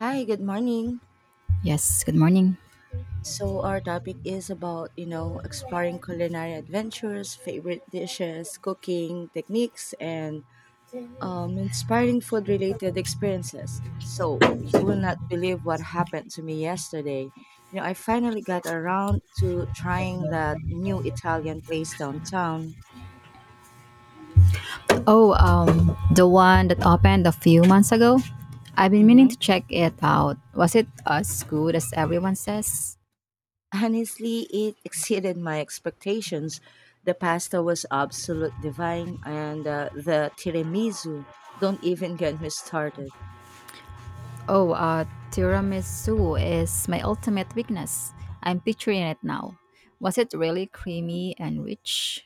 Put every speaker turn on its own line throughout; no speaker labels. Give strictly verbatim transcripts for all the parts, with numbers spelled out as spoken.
Hi, good morning.
Yes, good morning.
So our topic is about, you know, exploring culinary adventures, favorite dishes, cooking techniques, and um, inspiring food-related experiences. So you will not believe what happened to me yesterday. You know, I finally got around to trying that new Italian place downtown.
Oh, um, the one that opened a few months ago? I've been meaning
Mhm.
to check it out. Was it as good as everyone says?
Honestly, it exceeded my expectations. The pasta was absolute divine, and uh, the tiramisu, don't even get me started,
Oh, uh, tiramisu is my ultimate weakness. I'm picturing it now. Was it really creamy and rich?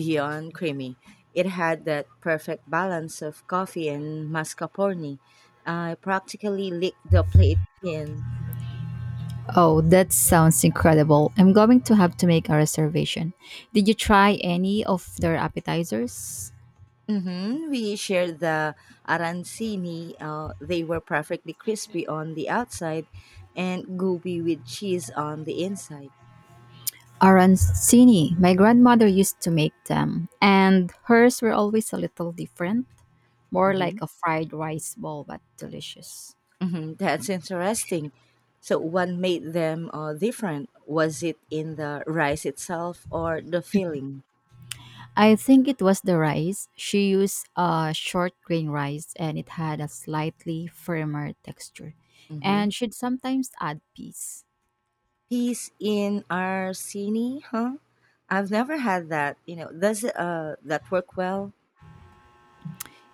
beyond creamy. It had that perfect balance of coffee and mascarpone. I practically licked the plate clean.
Oh, that sounds incredible. I'm going to have to make a reservation. Did you try any of their appetizers?
Mm-hmm. We shared the arancini. Uh, they were perfectly crispy on the outside and gooey with cheese on the inside.
Arancini. My grandmother used to make them, and hers were always a little different, more
Mm-hmm.
like a fried rice ball but delicious.
hmm That's interesting. So, what made them uh, different? Was it in the rice itself or the filling?
I think it was the rice. She used a short grain rice and it had a slightly firmer texture,
Mm-hmm.
and she'd sometimes add peas.
Peas in arsini, huh? I've never had that. You know, does uh, that work well?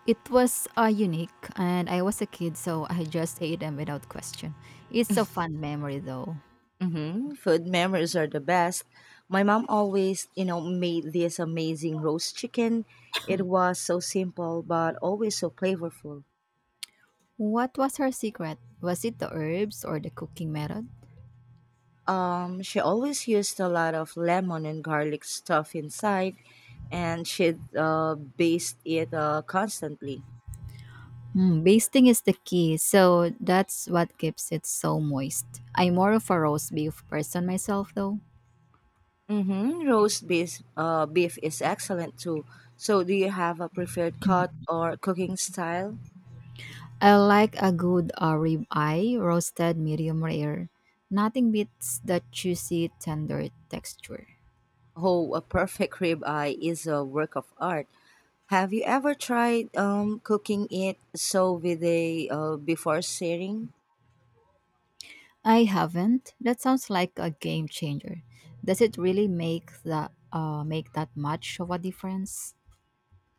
It was uh, unique, and I was a kid, so I just ate them without question. It's a fun memory, though.
Mm-hmm. Food memories are the best. My mom always, you know, made this amazing roast chicken. It was so simple, but always so flavorful.
What was her secret? Was it the herbs or the cooking method?
Um, she always used a lot of lemon and garlic stuff inside, and she'd uh, baste it uh, constantly.
Mm, basting is the key, so that's what keeps it so moist. I'm more of a roast beef person myself, though.
Mm-hmm. Roast beef, uh, beef is excellent too. So, do you have a preferred cut or cooking style?
I like a good uh, rib eye, roasted medium rare. Nothing beats that juicy, tender texture.
Oh, a perfect rib eye is a work of art. Have you ever tried um, cooking it so with a uh, before searing?
I haven't. That sounds like a game changer. Does it really make the uh, make that much of a difference?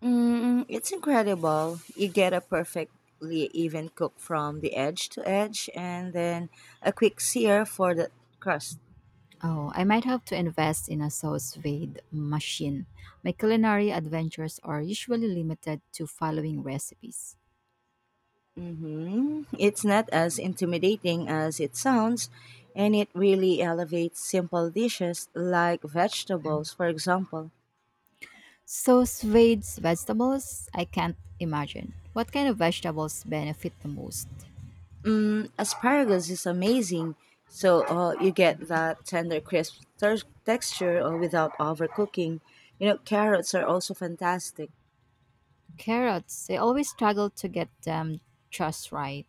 Mm, it's incredible. You get a perfectly even cook from the edge to edge and then a quick sear for the crust.
Oh, I might have to invest in a sous vide machine. My culinary adventures are usually limited to following recipes.
hmm It's not as intimidating as it sounds, and it really elevates simple dishes like vegetables, for example.
Sous vide vegetables? I can't imagine. What kind of vegetables benefit the most?
Mm, asparagus is amazing, so uh, you get that tender, crisp ter- texture uh, without overcooking. You know, carrots are also fantastic.
Carrots. I always struggle to get them just right,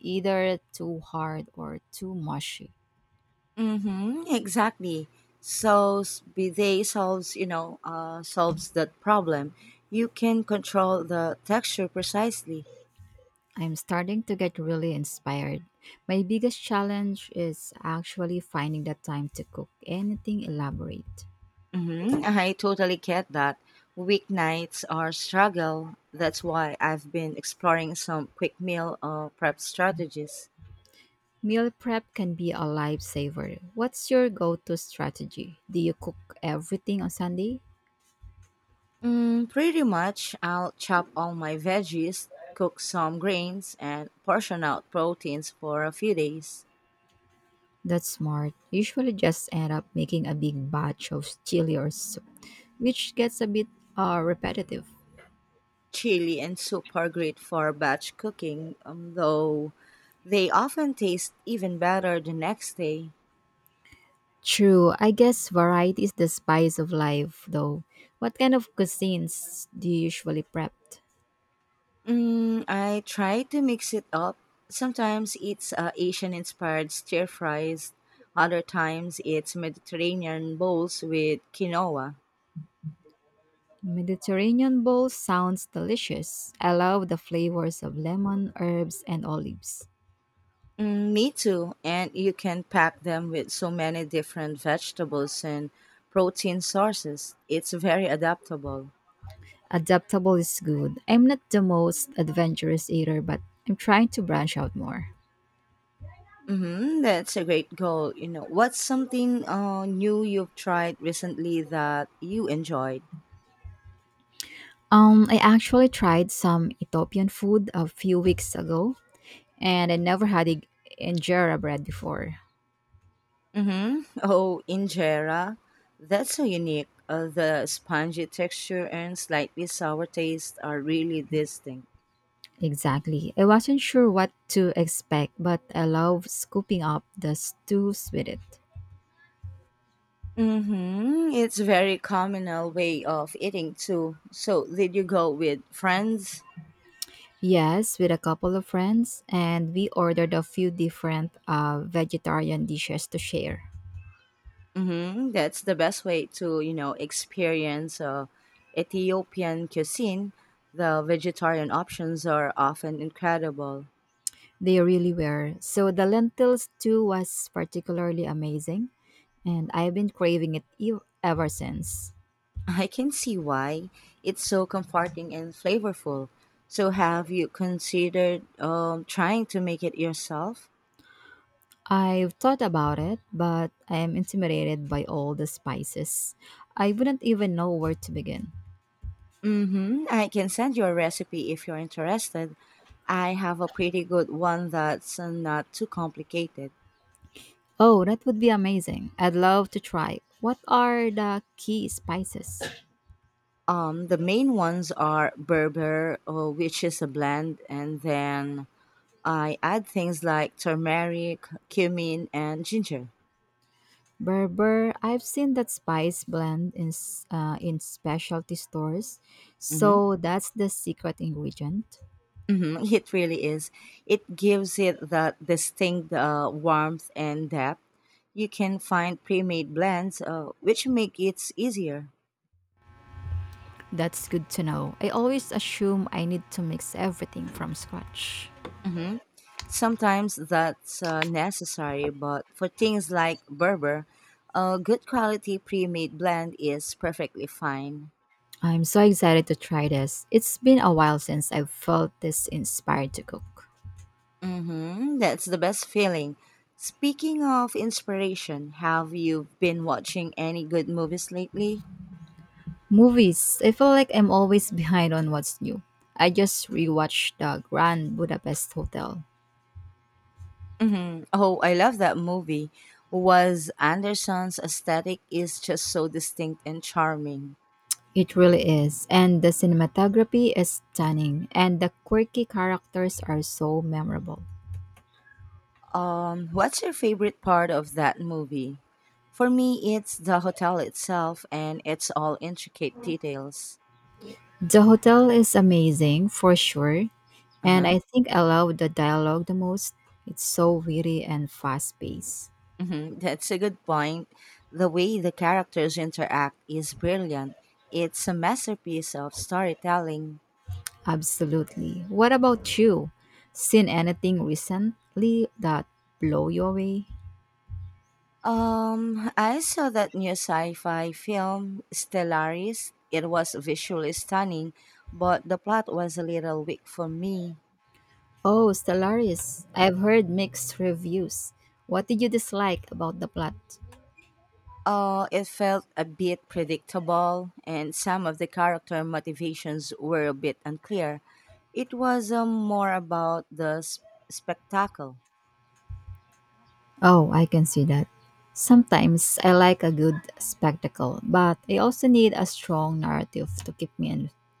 either too hard or too mushy.
Mm-hmm, exactly. So s- be they solves, you know, uh, solves that problem. You can control the texture precisely.
I'm starting to get really inspired. My biggest challenge is actually finding the time to cook anything elaborate.
Mm-hmm, I totally get that. Weeknights are struggle. That's why I've been exploring some quick meal uh, prep strategies.
Meal prep can be a lifesaver. What's your go to strategy? Do you cook everything on Sunday?
Mm, pretty much, I'll chop all my veggies, cook some grains, and portion out proteins for a few days.
That's smart. Usually just end up making a big batch of chili or soup, which gets a bit uh, repetitive.
Chili and soup are great for batch cooking, um, though they often taste even better the next day.
True, I guess variety is the spice of life, though. What kind of cuisines do you usually prep?
Mm, I try to mix it up. Sometimes it's uh, Asian inspired stir fries, other times it's Mediterranean bowls with quinoa.
Mediterranean bowl sounds delicious. I love the flavors of lemon, herbs, and olives.
Mm, me too, and you can pack them with so many different vegetables and protein sources. It's very adaptable.
Adaptable is good. I'm not the most adventurous eater, but I'm trying to branch out more.
Mm-hmm, that's a great goal. You know, what's something uh, new you've tried recently that you enjoyed?
Um, I actually tried some Ethiopian food a few weeks ago, and I never had ig- injera bread before.
Mm-hmm. Oh, injera. That's so unique. Uh, the spongy texture and slightly sour taste are really distinct.
Exactly. I wasn't sure what to expect, but I love scooping up the stews with it.
Mm-hmm. It's very communal way of eating too. So, did you go with friends?
Yes, with a couple of friends, and we ordered a few different uh, vegetarian dishes to share.
hmm That's the best way to, you know, experience uh, Ethiopian cuisine. The vegetarian options are often incredible.
They really were. So the lentils too was particularly amazing, and I've been craving it ev- ever since.
I can see why. It's so comforting and flavorful. So, have you considered um, trying to make it yourself?
I've thought about it, but I am intimidated by all the spices. I wouldn't even know where to begin.
Mm-hmm. I can send you a recipe if you're interested. I have a pretty good one that's uh, not too complicated.
Oh, that would be amazing. I'd love to try. What are the key spices?
Um, the main ones are Berber, uh, which is a blend, and then I add things like turmeric, cumin, and ginger.
Berber, I've seen that spice blend in s- uh, in specialty stores.
hmm
So that's the secret ingredient.
hmm it really is. It gives it that distinct uh, warmth and depth. You can find pre-made blends, uh, which make it easier.
That's good to know. I always assume I need to mix everything from scratch.
hmm Sometimes that's uh, necessary, but for things like Berber, a good quality pre-made blend is perfectly fine.
I'm so excited to try this. It's been a while since I've felt this inspired to cook.
Mm-hmm. That's the best feeling. Speaking of inspiration, have you been watching any good movies lately?
Movies. I feel like I'm always behind on what's new. I just rewatched the Grand Budapest Hotel.
Mm-hmm. Oh, I love that movie. Was Anderson's aesthetic is just so distinct and charming.
It really is. And the cinematography is stunning, and the quirky characters are so memorable.
Um, what's your favorite part of that movie? For me, it's the hotel itself and it's all intricate details.
The hotel is amazing for sure, and
Uh-huh.
I think I love the dialogue the most. It's so witty and fast paced.
Mhm, that's a good point. The way the characters interact is brilliant. It's a masterpiece of storytelling.
Absolutely. What about you? Seen anything recently that blow you away?
Um, I saw that new sci-fi film, Stellaris. It was visually stunning, but the plot was a little weak for me.
Oh, Stellaris. I've heard mixed reviews. What did you dislike about the plot?
Uh, it felt a bit predictable, and some of the character motivations were a bit unclear. It was um, more about the s- spectacle.
Oh, I can see that. Sometimes I like a good spectacle, but I also need a strong narrative to keep me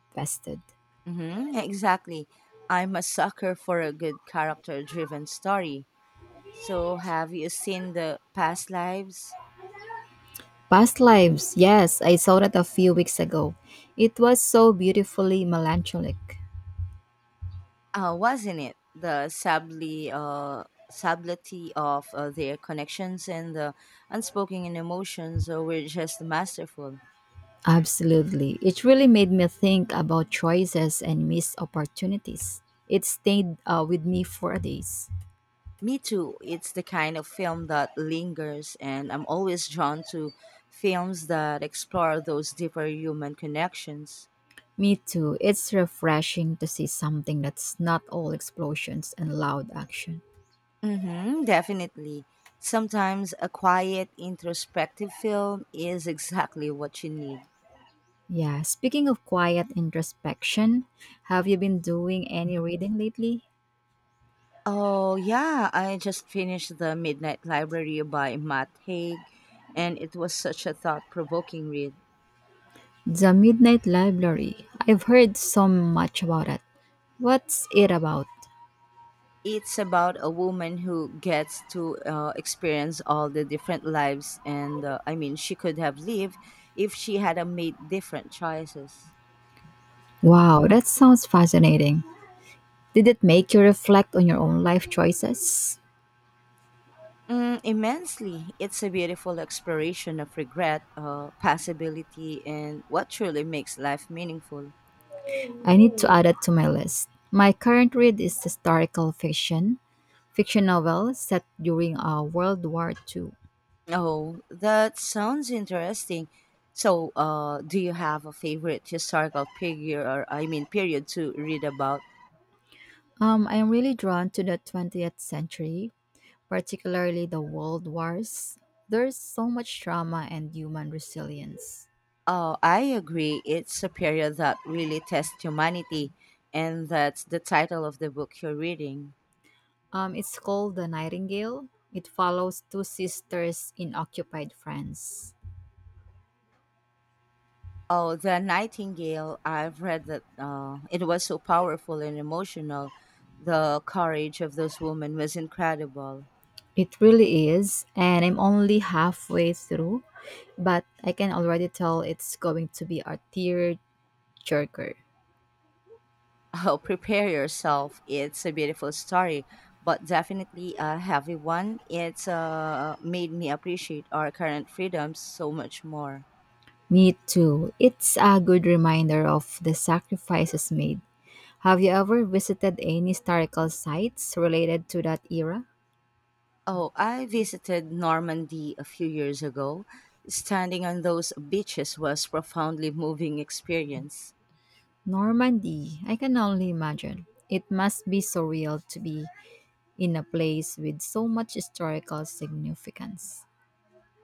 invested.
Mm-hmm, exactly. I'm a sucker for a good character driven story. So, have you seen the past lives?
Past Lives, yes, I saw that a few weeks ago. It was so beautifully melancholic.
Uh, wasn't it the subtly, uh, subtlety of uh, their connections and the unspoken emotions uh, were just masterful?
Absolutely. It really made me think about choices and missed opportunities. It stayed uh, with me for days.
Me too. It's the kind of film that lingers, and I'm always drawn to films that explore those deeper human connections.
Me too. It's refreshing to see something that's not all explosions and loud action.
Mm-hmm, definitely. Sometimes a quiet, introspective film is exactly what you need.
Yeah, speaking of quiet introspection, have you been doing any reading lately?
Oh, yeah, I just finished The Midnight Library by Matt Haig, and it was such a thought provoking read.
The Midnight Library. I've heard so much about it. What's it about?
It's about a woman who gets to uh, experience all the different lives, and uh, I mean, she could have lived if she had uh, made different choices.
Wow, that sounds fascinating. Did it make you reflect on your own life choices?
Mm, immensely. It's a beautiful exploration of regret, uh, possibility, and what truly makes life meaningful.
I need to add it to my list. My current read is historical fiction, fiction novel set during uh, World War two.
Oh, that sounds interesting. So, uh, do you have a favorite historical figure, or I mean, period to read about?
Um, I am really drawn to the twentieth century, particularly the world wars. There's so much drama and human resilience.
Oh, I agree. It's a period that really tests humanity, and that's the title of the book you're reading.
Um, it's called The Nightingale. It follows two sisters in occupied France.
Oh, the Nightingale. I've read that uh, it was so powerful and emotional. The courage of those women was incredible.
It really is, and I'm only halfway through, but I can already tell it's going to be a tear jerker.
Oh, prepare yourself. It's a beautiful story, but definitely a heavy one. It's uh, made me appreciate our current freedoms so much more.
Me too. It's a good reminder of the sacrifices made. Have you ever visited any historical sites related to that era?
Oh, I visited Normandy a few years ago. Standing on those beaches was profoundly moving experience.
Normandy, I can only imagine. It must be surreal to be in a place with so much historical significance.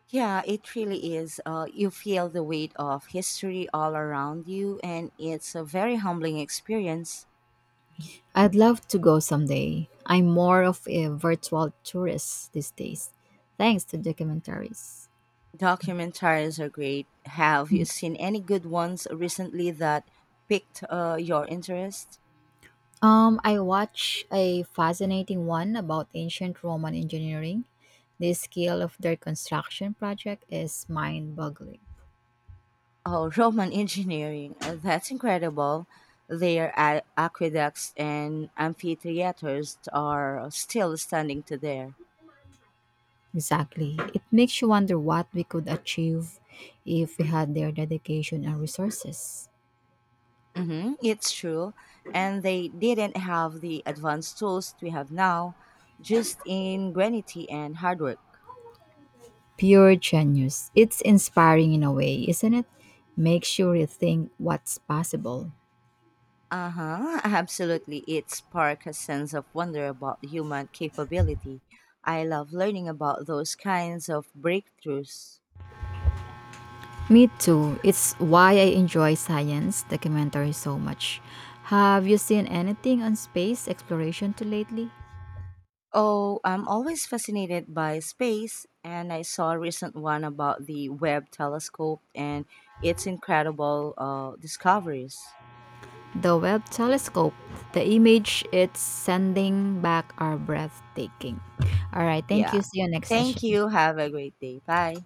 Yeah, it really is. Uh, you feel the weight of history all around you, and it's a very humbling experience.
I'd love to go someday. I'm more of a virtual tourist these days, thanks to documentaries.
Documentaries are great. Have you seen any good ones recently that piqued uh, your interest?
Um, I watched a fascinating one about ancient Roman engineering. The scale of their construction project is mind boggling.
Oh, Roman engineering. uh, That's incredible. Their a- aqueducts and amphitheaters are still standing today.
Exactly. It makes you wonder what we could achieve if we had their dedication and resources.
Mm-hmm, it's true. And they didn't have the advanced tools we have now, just ingenuity and hard work.
Pure genius. It's inspiring in a way, isn't it? Makes you rethink what's possible.
Uh huh, absolutely. It sparked a sense of wonder about human capability. I love learning about those kinds of breakthroughs.
Me too. It's why I enjoy science documentaries so much. Have you seen anything on space exploration too lately?
Oh, I'm always fascinated by space, and I saw a recent one about the Webb telescope and its incredible uh, discoveries.
The Webb telescope, the image it's sending back are breathtaking. All right, thank
Yeah.
you. See you next
Thank
session.
you. Have a great day. Bye.